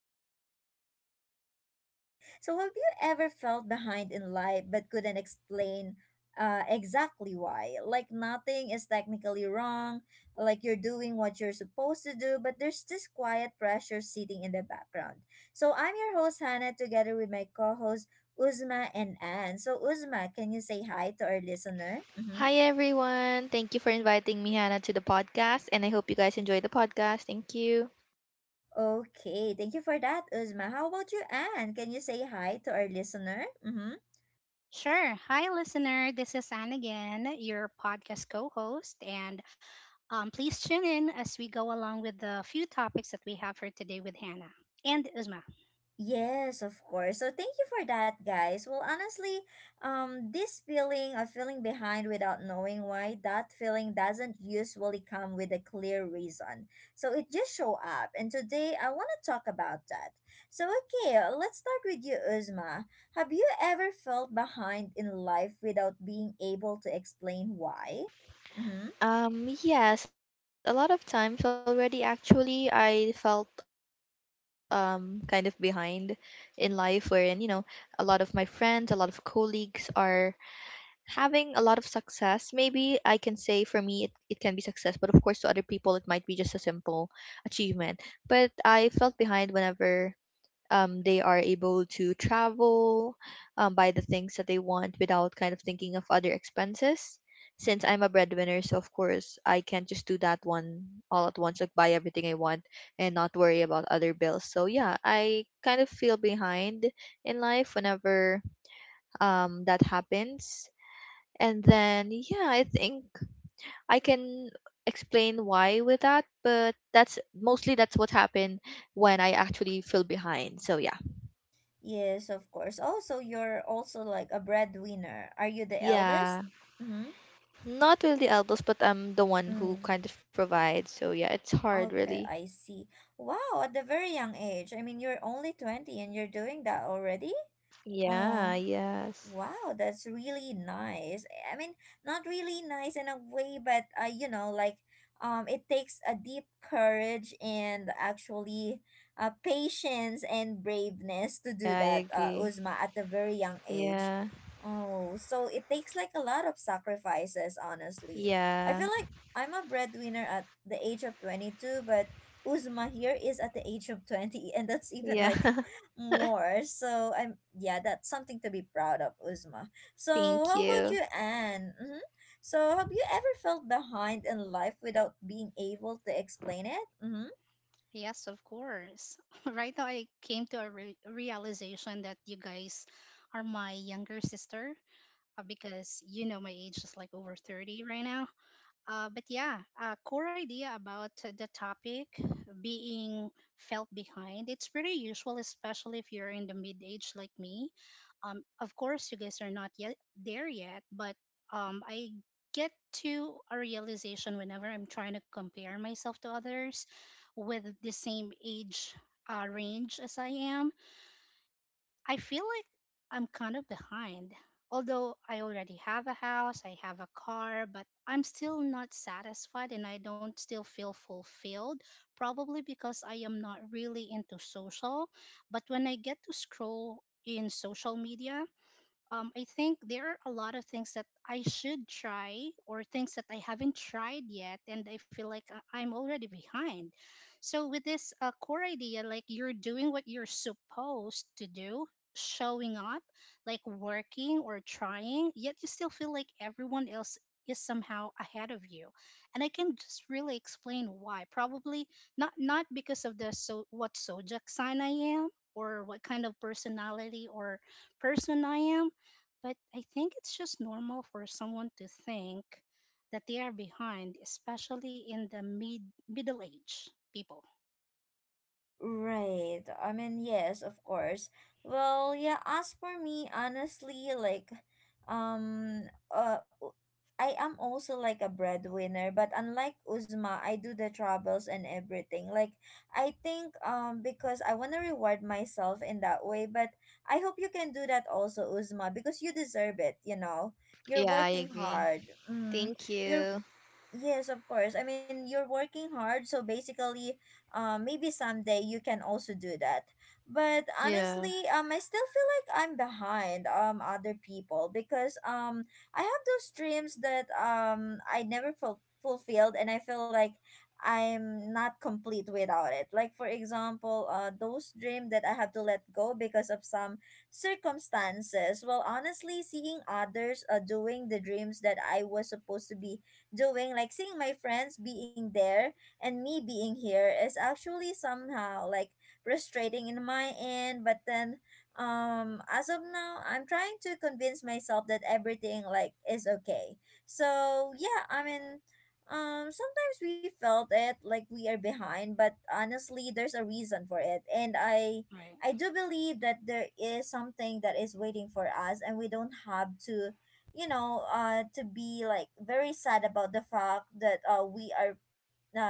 Behind Without Knowing Why. So, have you ever felt behind in life but couldn't explain exactly why? Like, nothing is technically wrong, like, you're doing what you're supposed to do, but there's this quiet pressure sitting in the background. So, I'm your host, Hannah, together with my co host, Uzma and Anne. So, Uzma, can you say hi to our listener? Mm-hmm. Hi everyone. Thank you for inviting me Hannah to the podcast and I hope you guys enjoy the podcast. Thank you. Okay, thank you for that, Uzma. How about you, Anne? Can you say hi to our listener? Mm-hmm. Sure. Hi, listener. This is Anne again, your podcast co host. And please tune in as we go along with the few topics that we have for today with Hannah and Uzma. Yes, of course. So thank you for that, guys. Well, honestly, this feeling of feeling behind without knowing why, that feeling doesn't usually come with a clear reason. So it just show up, and today I want to talk about that. So okay, let's start with you, Uzma. Have you ever felt behind in life without being able to explain why? Mm-hmm. Yes, a lot of times already actually I felt kind of behind in life wherein, a lot of my friends, a lot of colleagues are having a lot of success. Maybe I can say for me it can be success, but of course to other people it might be just a simple achievement. But I felt behind whenever they are able to travel, buy the things that they want without kind of thinking of other expenses. Since I'm a breadwinner, so of course I can't just do that one all at once, like buy everything I want and not worry about other bills. So yeah, I kind of feel behind in life whenever that happens. And then yeah, I think I can explain why with that, but that's what happened when I actually feel behind. So yeah. Yes, of course. Also, you're also like a breadwinner. Are you the eldest? Yeah, Mm-hmm. not really the elbows, but I'm the one who Mm. kind of provides. So yeah, it's hard Okay, really. I see. Wow, at a very young age. I mean, you're only 20 and you're doing that already? Yeah, Oh. yes. Wow, that's really nice. I mean, not really nice in a way, but you know, like it takes a deep courage and actually patience and braveness to Yeah, I do that, agree. Uzma, at a very young age. Yeah, Oh, so it takes like a lot of sacrifices, honestly. I feel yeah, like I'm a breadwinner at the age of 22, but Uzma here is at the age of 20, and that's even yeah. like more. So I'm yeah, that's something to be proud of, Uzma. So how Thank about you, you. Anne? Mm-hmm. So have you ever felt behind in life without being able to explain it? Mm-hmm. Yes, of course. Right now, I came to a realization that you guys are my younger sister, because you know my age is like over 30 right now. But yeah, a core idea about the topic being felt behind. It's pretty usual, especially if you're in the mid age like me. Of course, you guys are not yet there yet, but I get to a realization whenever I'm trying to compare myself to others with the same age range as I am. I feel like I'm kind of behind. Although I already have a house, I have a car, but I'm still not satisfied and I don't still feel fulfilled, probably because I am not really into social. But when I get to scroll in social media, I think there are a lot of things that I should try or things that I haven't tried yet, and I feel like I'm already behind. So, with this core idea, like you're doing what you're supposed to do, showing up, like working or trying, yet you still feel like everyone else is somehow ahead of you, and I can just really explain why, probably not because of the so what zodiac sign I am or what kind of personality or person I am. But I think it's just normal for someone to think that they are behind, especially in the middle age people. Right. I mean, yes, of course. Well, yeah, as for me, honestly, like, um, uh, u- I am also like a breadwinner, but unlike Uzma, I do the travels and everything. Like, I think, because I want to reward myself in that way, but I hope you can do that also, Uzma, because you deserve it, you know? You're Yeah, I working agree. hard. Mm, Thank you're you. Yes, of course. I mean, you're working hard, so basically, maybe someday you can also do that. But honestly, Yeah. I still feel like I'm behind other people because I have those dreams that I never ful- fulfilled, and I feel like I'm not complete without it. Like for example, those dream that I have to let go because of some circumstances. Well, honestly, seeing others doing the dreams that I was supposed to be doing, like seeing my friends being there and me being here is actually somehow like frustrating in my end, but then as of now, I'm trying to convince myself that everything like is okay. So yeah, I mean, sometimes we felt it like we are behind, but honestly, there's a reason for it, and i Right. i do believe that there is something that is waiting for us, and we don't have to, you know, to be like very sad about the fact that we are uh,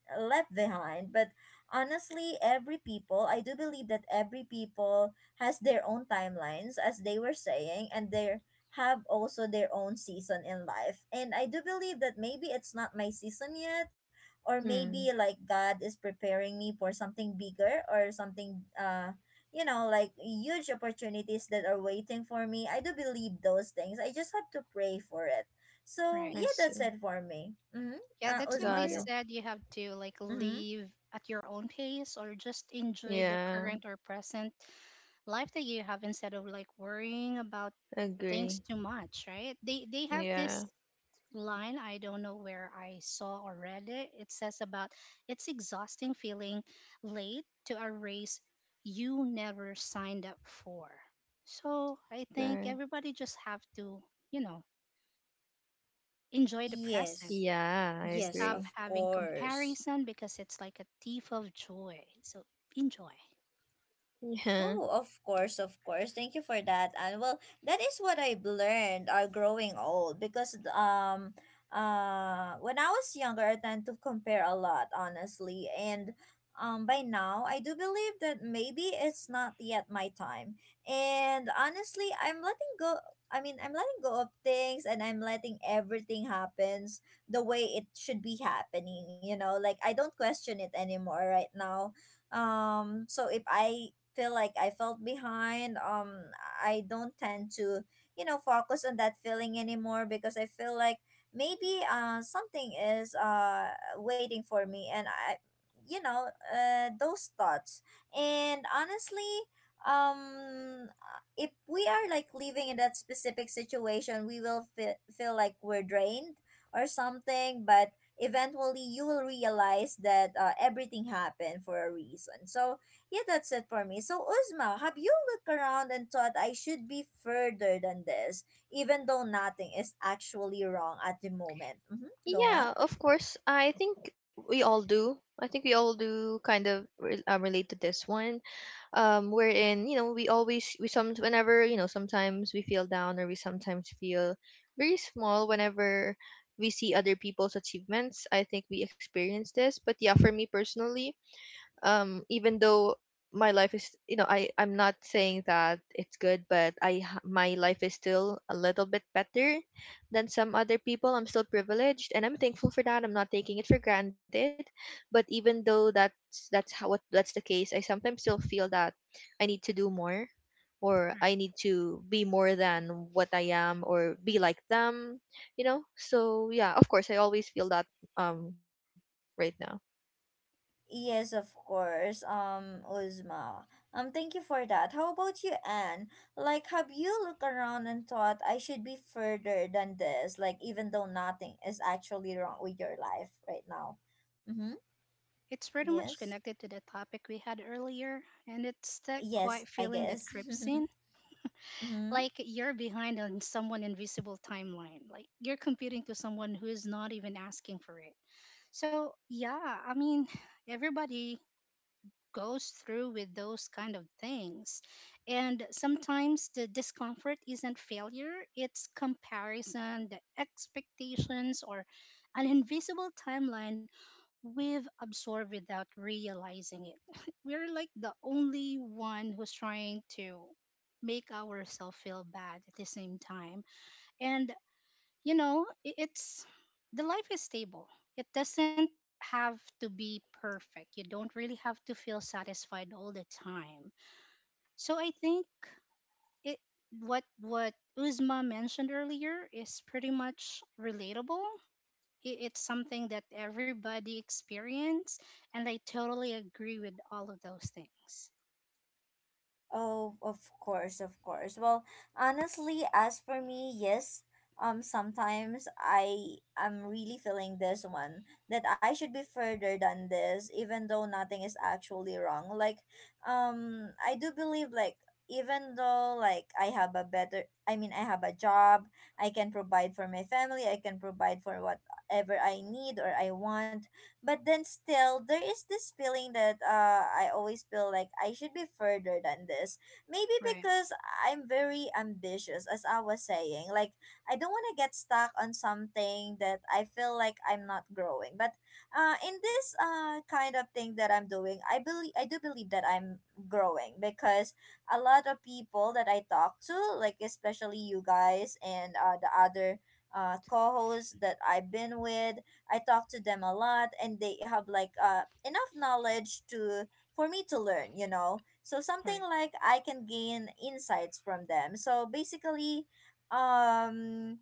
left behind. But honestly, every people, I do believe that every people has their own timelines as they were saying, and they have also their own season in life, and I do believe that maybe it's not my season yet, or maybe Hmm. like God is preparing me for something bigger or something, you know, like huge opportunities that are waiting for me. I do believe those things. I just have to pray for it. So Right. yeah, I that's it see. for me. Mm-hmm. Yeah, Uh, that's why Uzma, do they Got you it. said you have to like mm-hmm. leave at your own pace or just enjoy the Yeah, current or present life that you have instead of like worrying about things agree. too much, right? They have this Yeah, line, I don't know where I saw or read it. It says about it's exhausting feeling late to a race you never signed up for. So I think good. everybody just have to, you know enjoy the present. Yes, Yeah, I yes, Stop agree. of having course. comparison because it's like a thief of joy, so enjoy. Yeah. Oh, of course, of course. Thank you for that. And well, that is what I've learned growing old because when I was younger I tend to compare a lot, honestly. And by now I do believe that maybe it's not yet my time. And honestly, I mean, I'm letting go of things and I'm letting everything happens the way it should be happening, you know? Like I don't question it anymore right now. So if I feel like I felt behind, I don't tend to, you know, focus on that feeling anymore because I feel like maybe something is waiting for me, and I, you know, those thoughts. And honestly, um if we are like living in that specific situation, we will feel like we're drained or something, but eventually you will realize that everything happened for a reason. So yeah, that's it for me. So, Uzma, have you looked around and thought I should be further than this, even though nothing is actually wrong at the moment? Mm-hmm. Go on. Yeah, of course. I think we all do. I think we all do kind of relate to this one. Wherein we always we some whenever sometimes we feel down or we sometimes feel very small whenever we see other people's achievements. I think we experience this. But yeah, for me personally, even though my life is I'm not saying that it's good but my life is still a little bit better than some other people. I'm still privileged and I'm thankful for that. I'm not taking it for granted but even though that's how what that's the case I sometimes still feel that I need to do more or I Right. need to be more than what I am or be like them, you know. So yeah, of course I always feel that um right now. Yes, of course. Uzma. Thank you for that. How about you, Anne? Like, have you looked around and thought I should be further than this, like, even though nothing is actually wrong with your life right now? Mm-hmm. It's pretty much Yes. connected to the topic we had earlier, and it's that Yes, quiet I feeling that guess. creeps in, Mm-hmm. like you're behind on someone invisible timeline, like you're competing to someone who is not even asking for it. So yeah, I mean, everybody goes through with those kind of things. And sometimes the discomfort isn't failure, it's comparison, the expectations, or an invisible timeline we've absorbed without realizing it. We're like the only one who's trying to make ourselves feel bad at the same time. And, you know, I- it's the life is stable, it doesn't have to be perfect. You don't really have to feel satisfied all the time. So I think it what Uzma mentioned earlier is pretty much relatable. It's something that everybody experience, and I totally agree with all of those things. Oh, of course, of course. Well, honestly, as for me, yes. Sometimes I am really feeling this one that I should be further than this, even though nothing is actually wrong. Like, I do believe like even though like I mean, I have a job, I can provide for my family, I can provide for whatever I need or I want, but then still there is this feeling that I always feel like I should be further than this. Maybe Right. because I'm very ambitious as I was saying. Like I don't want to get stuck on something that I feel like I'm not growing. But in this kind of thing that I'm doing, I do believe that I'm growing because a lot of people that I talk to, like especially you guys and the other co-hosts that I've been with, I talk to them a lot and they have like enough knowledge to for me to learn, you know. So something Right. like I can gain insights from them. So basically, um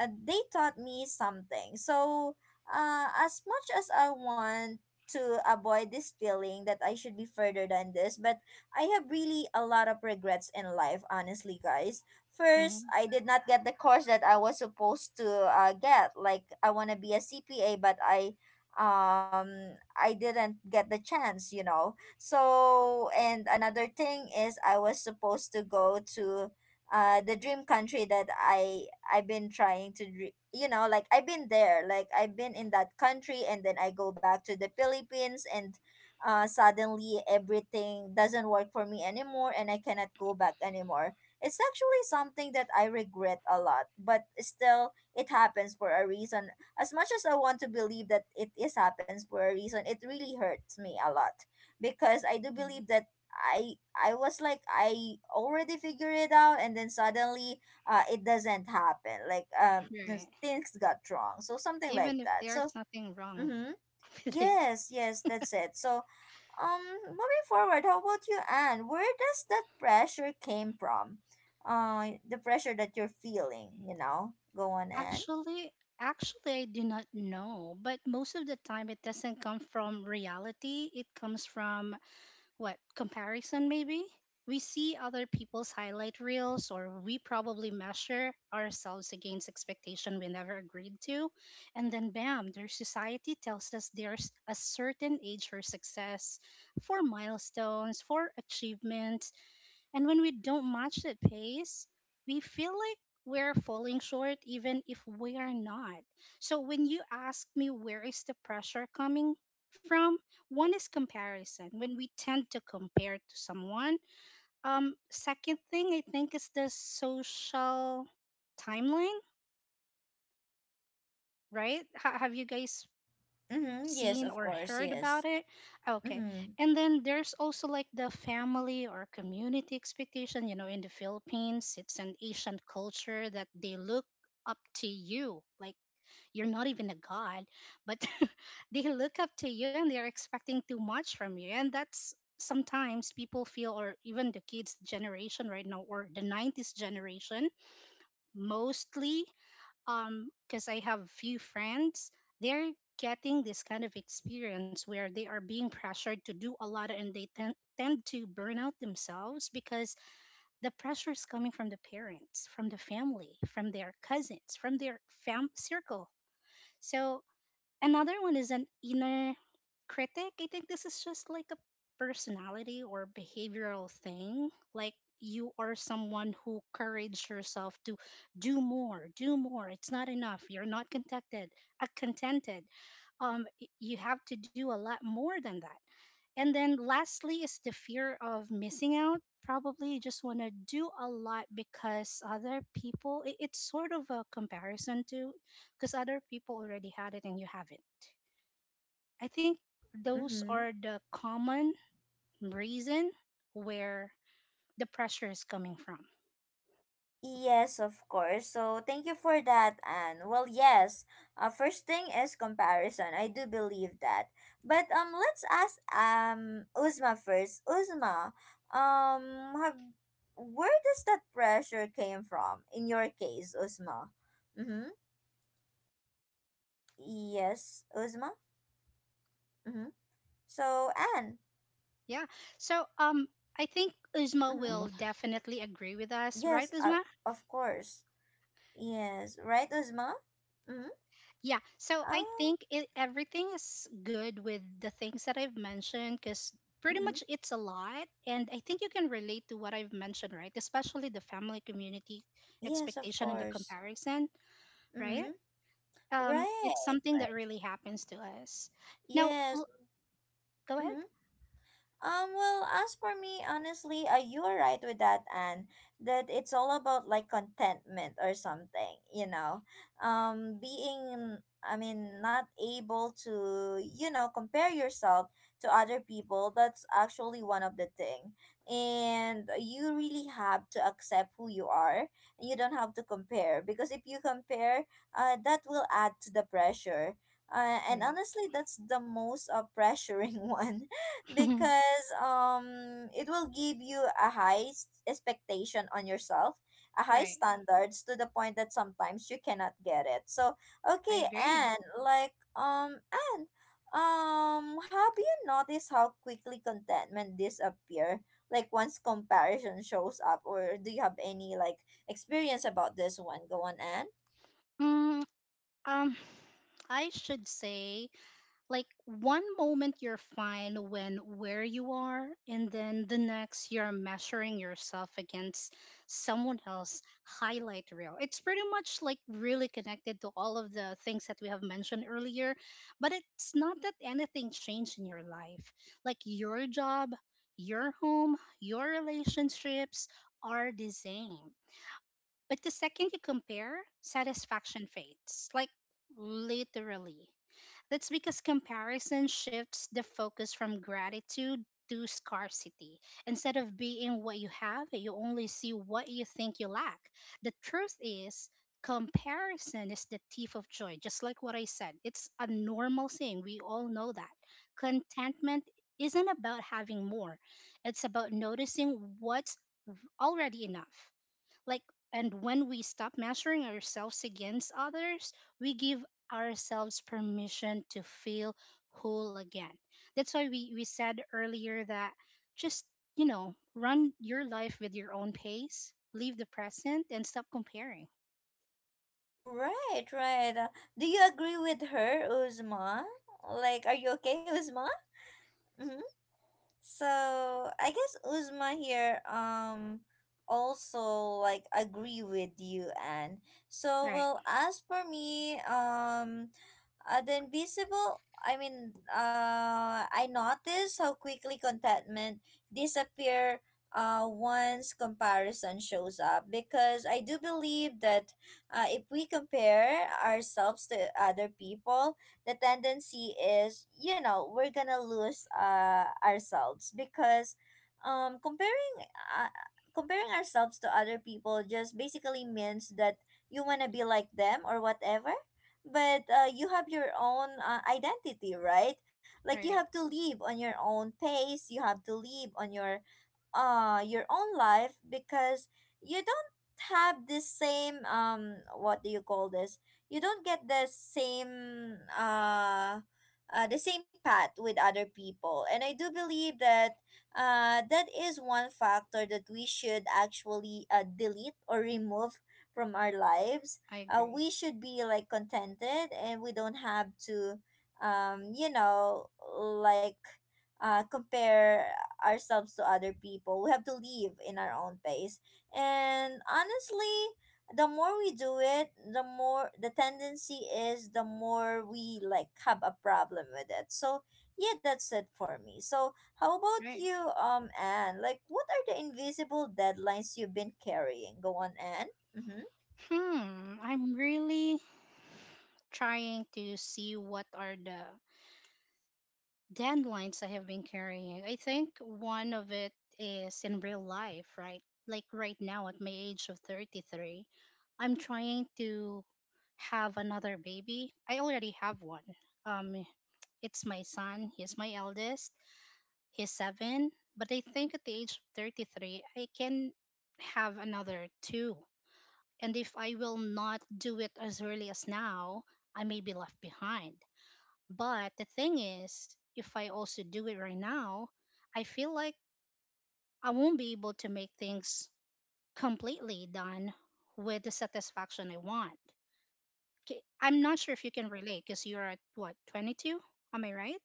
they taught me something. So as much as I want to avoid this feeling that I should be further than this, but I have really a lot of regrets in life, honestly, guys. First, Hmm. I did not get the course that I was supposed to get. Like I want to be a CPA, but I didn't get the chance, you know. So, and another thing is I was supposed to go to the dream country that I've been trying to you know, like I've been there, like I've been in that country, and then I go back to the Philippines, and suddenly everything doesn't work for me anymore and I cannot go back anymore. It's actually something that I regret a lot, but still, it happens for a reason. As much as I want to believe that it is happens for a reason, it really hurts me a lot because I do believe that I was like I already figured it out, and then suddenly, it doesn't happen. Like Right. things got wrong, so something like Even if that. So there's nothing wrong mm-hmm. with it. Yes, yes, that's it. So um, moving forward, how about you, Anne? Where does that pressure came from? The pressure that you're feeling, you know? Go on, Anne. Actually actually I do not know, but most of the time it doesn't come from reality. It comes from what comparison, maybe. We see other people's highlight reels, or we probably measure ourselves against expectation we never agreed to. And then bam, their society tells us there's a certain age for success, for milestones, for achievements. And when we don't match that pace, we feel like we're falling short even if we are not. So when you ask me where is the pressure coming from, one is comparison. When we tend to compare to someone, second thing I think is the social timeline, right? Ha have you guys Mm-hmm. Yes, seen of or course. heard about Yes. it? Okay. Mm-hmm. And then there's also like the family or community expectation. In the Philippines, it's an Asian culture that they look up to you. Like, you're not even a god, but they look up to you and they're expecting too much from you. And that's sometimes people feel, or even the kids generation right now, or the 90s generation, mostly. Because I have few friends, they're getting this kind of experience where they are being pressured to do a lot, and they tend to burn out themselves because the pressure is coming from the parents, from the family, from their cousins, from their fam circle. So another one is an inner critic. I think this is just like a personality or behavioral thing. Like, you are someone who courage yourself to do more, do more. It's not enough. You're not contented. Uh, contented. You have to do a lot more than that. And then lastly is the fear of missing out. Probably just want to do a lot because other people. It's sort of a comparison to, because other people already had it and you haven't. I think those Mm-hmm. are the common reason where the pressure is coming from. Yes, of course. So thank you for that, Anne. Well, yes. First thing is comparison. I do believe that. But let's ask Uzma first. Uzma, um, have, where does that pressure came from in your case, Uzma? Mm-hmm. For me, the pressure actually Yes, comes Uzma. from, Mm-hmm. yeah, for So me, the Anne. pressure Yeah. So comes I from think Uzma Mm-hmm. will definitely agree with us, right, Yes. Uzma? Of course. Yes. Right, Uzma. Mm-hmm. Yeah. So I Ah. think it, everything is good with the things that I've mentioned cuz pretty Mm-hmm. much it's a lot, and I think you can relate to what I've mentioned, right? Especially the family community Yes, of expectation and the course. comparison, right? Mm-hmm. It's Right, something that right. really happens to us. Now, Yes. go ahead. Mhm. Well, as for me, honestly, you are right with that, Anne, that it's all about like contentment or something, you know. I mean, not able to, you know, compare yourself to other people, that's actually one of the thing. And you really have to accept who you are. And you don't have to compare because if you compare, that will add to the pressure. And Right. honestly, that's the most pressuring one because it will give you a high expectation on yourself, a high right. standards to the point that sometimes you cannot get it. So I okay. agree. And have you noticed how quickly contentment disappear, like once comparison shows up? Or do you have any like experience about this one? Go on, and Mm, um, I should say, like one moment you're fine when where you are, and then the next you're measuring yourself against someone else highlight reel. It's pretty much like really connected to all of the things that we have mentioned earlier, but it's not that anything changed in your life. Like your job, your home, your relationships are the same. But the second you compare, satisfaction fades. Like, literally. That's because comparison shifts the focus from gratitude to scarcity. Instead of being what you have, you only see what you think you lack. The truth is, comparison is the thief of joy, just like what I said. It's a normal thing. We all know that. Contentment isn't about having more, it's about noticing what's already enough. Like, and when we stop measuring ourselves against others, we give ourselves permission to feel whole again. That's why we said earlier that just, run your life with your own pace, leave the present and stop comparing. right, right. Do you agree with her, Uzma? Like, are you okay, Uzma? So I guess Uzma here also like agree with you. And so Right. well, as for me, the invisible, I mean, I noticed how quickly contentment disappear once comparison shows up, because I do believe that if we compare ourselves to other people, the tendency is, you know, we're gonna lose ourselves because comparing, uh, comparing ourselves to other people just basically means that you wanna be like them or whatever. But you have your own identity, right? Like, you Right. have to live on your own pace, you have to live on your own life, because you don't have this same, what do you call this, you don't get the same path with other people. And I do believe that that is one factor that we should actually delete or remove from our lives. I Uh, agree. we should be like contented and we don't have to, you know, like compare ourselves to other people. We have to live in our own pace. And honestly, the more we do it, the more the tendency is, the more we like have a problem with it. So yeah, that's it for me. So how about Right. you, Anne? Like, what are the invisible deadlines you've been carrying? Go on, Anne. Mm-hmm. Hmm. I'm really trying to see what are the dandelions I have been carrying. I think one of it is in real life, right? Like right now at my age of 33, I'm trying to have another baby. I already have one. Um, it's my son. He's my eldest. He's seven. But I think at the age of 33, I can have another two. And if I will not do it as early as now, I may be left behind. But the thing is, if I also do it right now, I feel like I won't be able to make things completely done with the satisfaction I want. 'Kay, I'm not sure if you can relate because you're at what, 22? Am I right?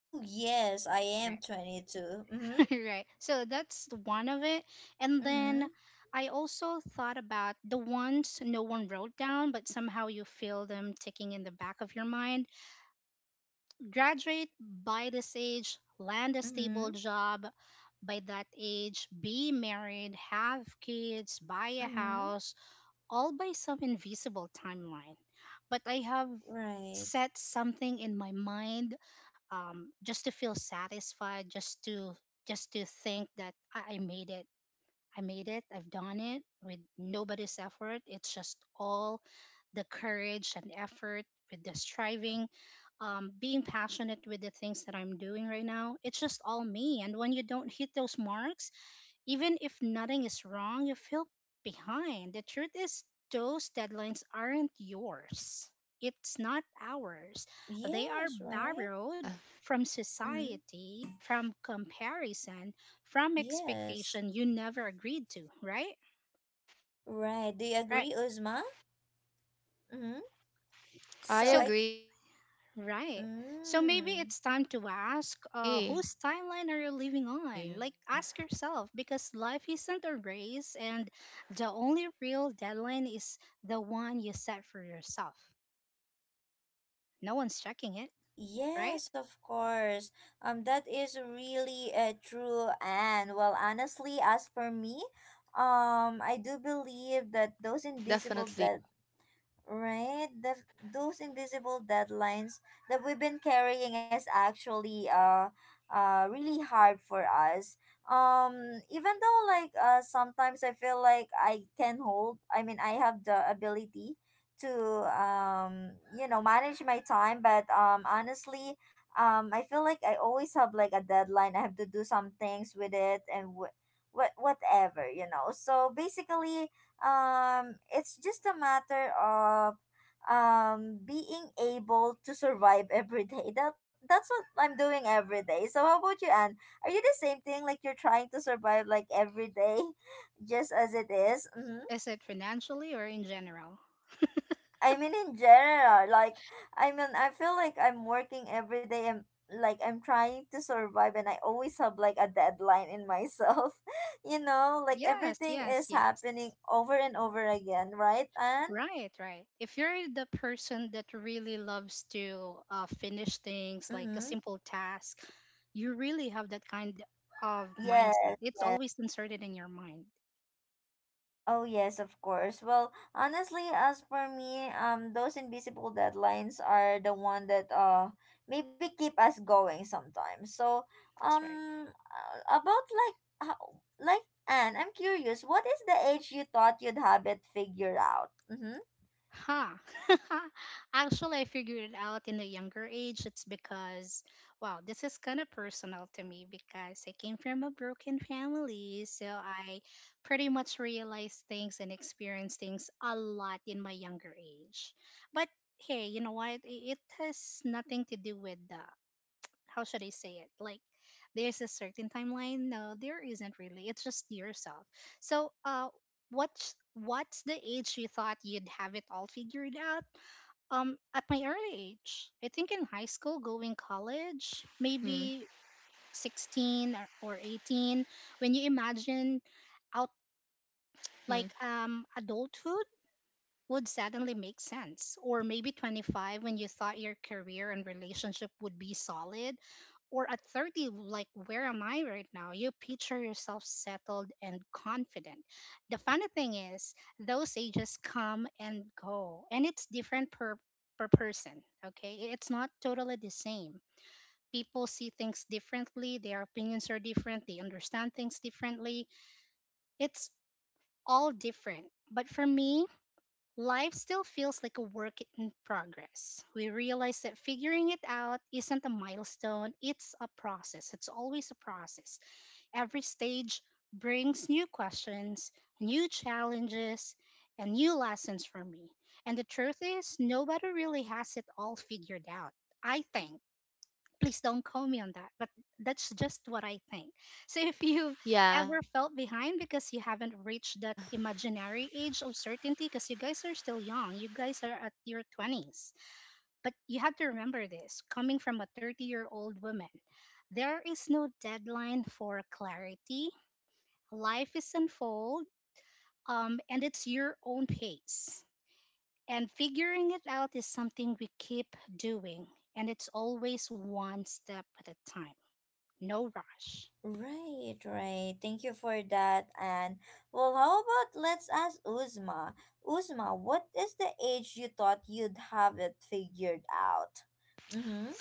Oh yes, I Right. am 22. Mm-hmm. right. So that's one of it. And then Mm-hmm. I also thought about the ones no one wrote down, but somehow you feel them ticking in the back of your mind. Graduate by this age, land a stable Mm-hmm. job by that age, be married, have kids, buy a Mm-hmm. house, all by some invisible timeline. But I have Right. set something in my mind, just to feel satisfied, just to think that I made it. I made it, I've done it with nobody's effort. It's just all the courage and effort, with the striving, being passionate with the things that I'm doing right now. It's just all me. And when you don't hit those marks, even if nothing is wrong, you feel behind. The truth is, those deadlines aren't yours. It's not ours. They are Yes. Right. borrowed from Mm-hmm. society, from comparison, from expectation Yes. you never agreed to, right? Right. Do you Right. agree, Uzma? Mm-hmm. So So I. Right. So maybe Mm, it's time to ask, whose timeline are you living on? Like, ask yourself, because life isn't a race, and the only real deadline is the one you set for yourself. No one's checking it, right? yes, of course. That is really true. And well, honestly, as for me, I do believe that those invisible that, right? Those invisible deadlines that we've been carrying is actually really hard for us. Um, Even though like, sometimes I feel like I can hold, I mean, I have the ability to, you know, manage my time, but honestly, I feel like I always have like a deadline. I have to do some things with it and whatever, you know. So basically, it's just a matter of being able to survive every day. That that's what I'm doing every day. So how about you, Anne? Are you the same thing, like you're trying to survive like every day just as it is? Mm-hmm. Is it financially or in general? I mean, in general, like, I mean I feel like I'm working every day. I'm like, I'm trying to survive and I always have like a deadline in myself, you know, like Yes, everything yes, is happening yes. over and over again, right, Anne? Right, right. If you're the person that really loves to finish things like a Mm-hmm. simple task, you really have that kind of mindset. Yes. It's always inserted in your mind. Oh, yes, of course. Well, honestly, as for me, those invisible deadlines are the one that maybe keep us going sometimes. So, That's right. About like how, like Anne, I'm curious, what is the age you thought you'd have it figured out? Mm-hmm. Ha! Actually, I figured it out in a younger age. It's because, wow, this is kind of personal to me because I came from a broken family. So I pretty much realized things and experienced things a lot in my younger age. But hey, you know what? It has nothing to do with the, how should I say it? Like, there's a certain timeline. No, there isn't really. It's just yourself. So, what's the age you thought you'd have it all figured out? At my early age, I think in high school, going college, maybe 16 or 18. When you imagine out, like, adulthood would suddenly make sense. Or maybe 25 when you thought your career and relationship would be solid. Or at 30, like, where am I right now? You picture yourself settled and confident. The funny thing is, those ages come and go, and it's different per person, okay? It's not totally the same. People see things differently, their opinions are different, they understand things differently. It's all different. But for me, life still feels like a work in progress. We realize that figuring it out isn't a milestone, it's a process. It's always a process. Every stage brings new questions, new challenges, and new lessons for me. And the truth is, nobody really has it all figured out. I think, please don't call me on that, but that's just what I think. So if you've ever felt behind because you haven't reached that imaginary age of certainty, because you guys are still young, you guys are at your 20s. But you have to remember this, coming from a 30-year-old woman, there is no deadline for clarity. Life is unfold, And it's your own pace, and figuring it out is something we keep doing, and it's always one step at a time. No rush. Right, right. Thank you for that. And well, how about let's ask Uzma. Uzma, what is the age you thought you'd have it figured out? Mm-hmm.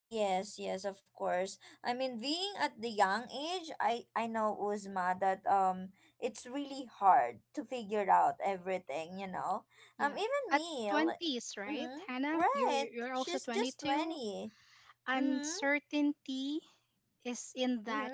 Yes, yes, of course. I mean, being at the young age, I know, Uzma, that it's really hard to figure out everything, you know. Yeah. Even At me, 20s, right, mm-hmm, Hannah? You're right. you're also She's just 22. 20. Mhm. Uncertainty is in Mhm. that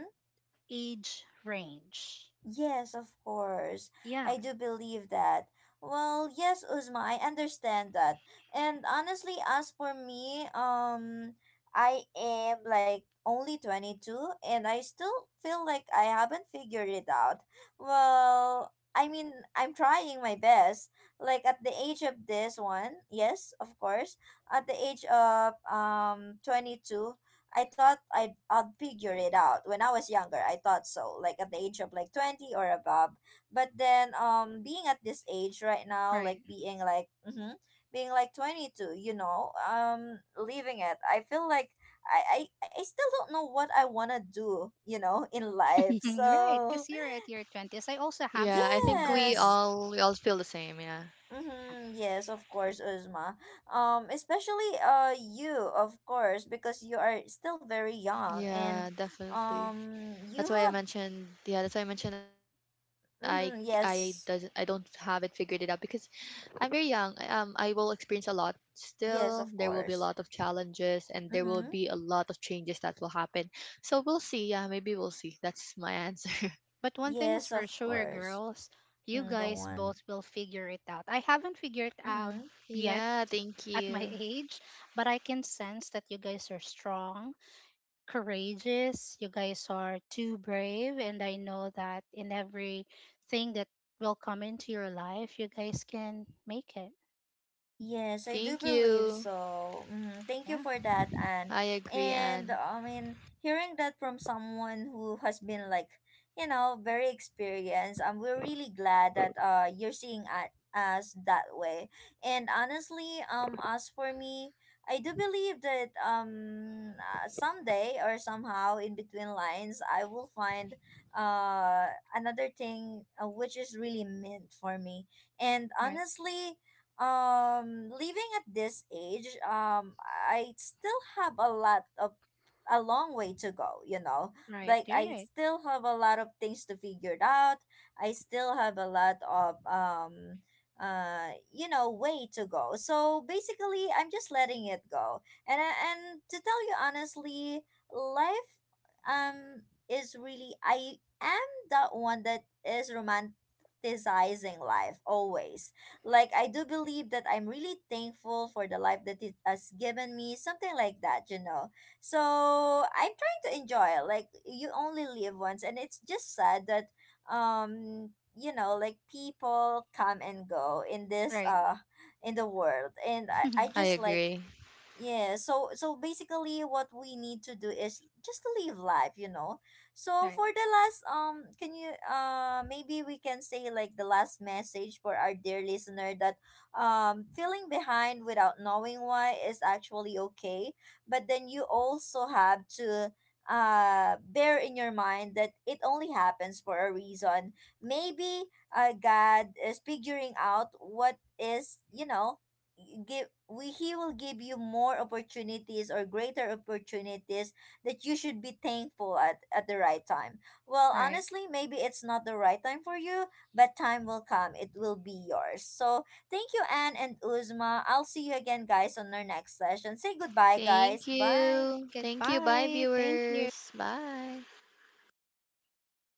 age range. Yes, of course. Yeah, I do believe that. Well, yes, Uzma, I understand that. And honestly, as for me, I am like only 22 and I still feel like I haven't figured it out. Well, I mean, I'm trying my best. Like at the age of this one, yes, of course. At the age of 22, I thought I'd figure it out when I was younger. I thought so, like at the age of like 20 or above. But then, being at this age right now, like right. being like, mm-hmm, being like 22, you know, leaving it, I feel like I still don't know what I want to do, you know, in life. right, So, cuz you're at your 20s. I also have that in mind. yes. Yeah. Mm-hmm, yes, of course, Uzma. Especially you, of course, because you are still very young and you have, mm-hmm, yes. Yes, of course. Mm-hmm. But one thing is Yes, for of sure, course. girls, you Mm, go guys on. both will figure it out. I haven't figured it out Mm-hmm. yet at my age, but I can sense that you guys are strong, courageous. You guys are too brave. And I know that in everything that will come into your life, you guys can make it. Yes, I do believe so. Mm, thank you Yeah. for that, Anne. And I mean, hearing that from someone who has been like, you know, very experienced, we're really glad that you're seeing at us that way. And honestly, as for me, I do believe that someday or somehow in between lines, I will find uh another thing, which is really meant for me. And Right. honestly, living at this age, I still have a lot of, a long way to go, you know, Right. like I Right. still have a lot of things to figure out. I still have a lot of, you know, way to go. So basically, I'm just letting it go. And to tell you honestly, life is really, I am that one that is romanticizing life always. Like, I do believe that I'm really thankful for the life that it has given me, something like that, you know. So I'm trying to enjoy it. Like, you only live once, and it's just sad that you know, like people come and go in this Right. In the world. And I just like, yeah, so so basically what we need to do is just to live life, you know. So right. for the last, can you, maybe we can say like the last message for our dear listener, that feeling behind without knowing why is actually okay, but then you also have to bear in your mind that it only happens for a reason. Maybe God is figuring out what is, you know, give we, he will give you more opportunities or greater opportunities that you should be thankful at the right time. Well, Right. honestly, maybe it's not the right time for you, but time will come, it will be yours. So thank you, Anne and Uzma. I'll see you again, guys, on our next session. Say goodbye, guys. Bye. Goodbye. Thank you.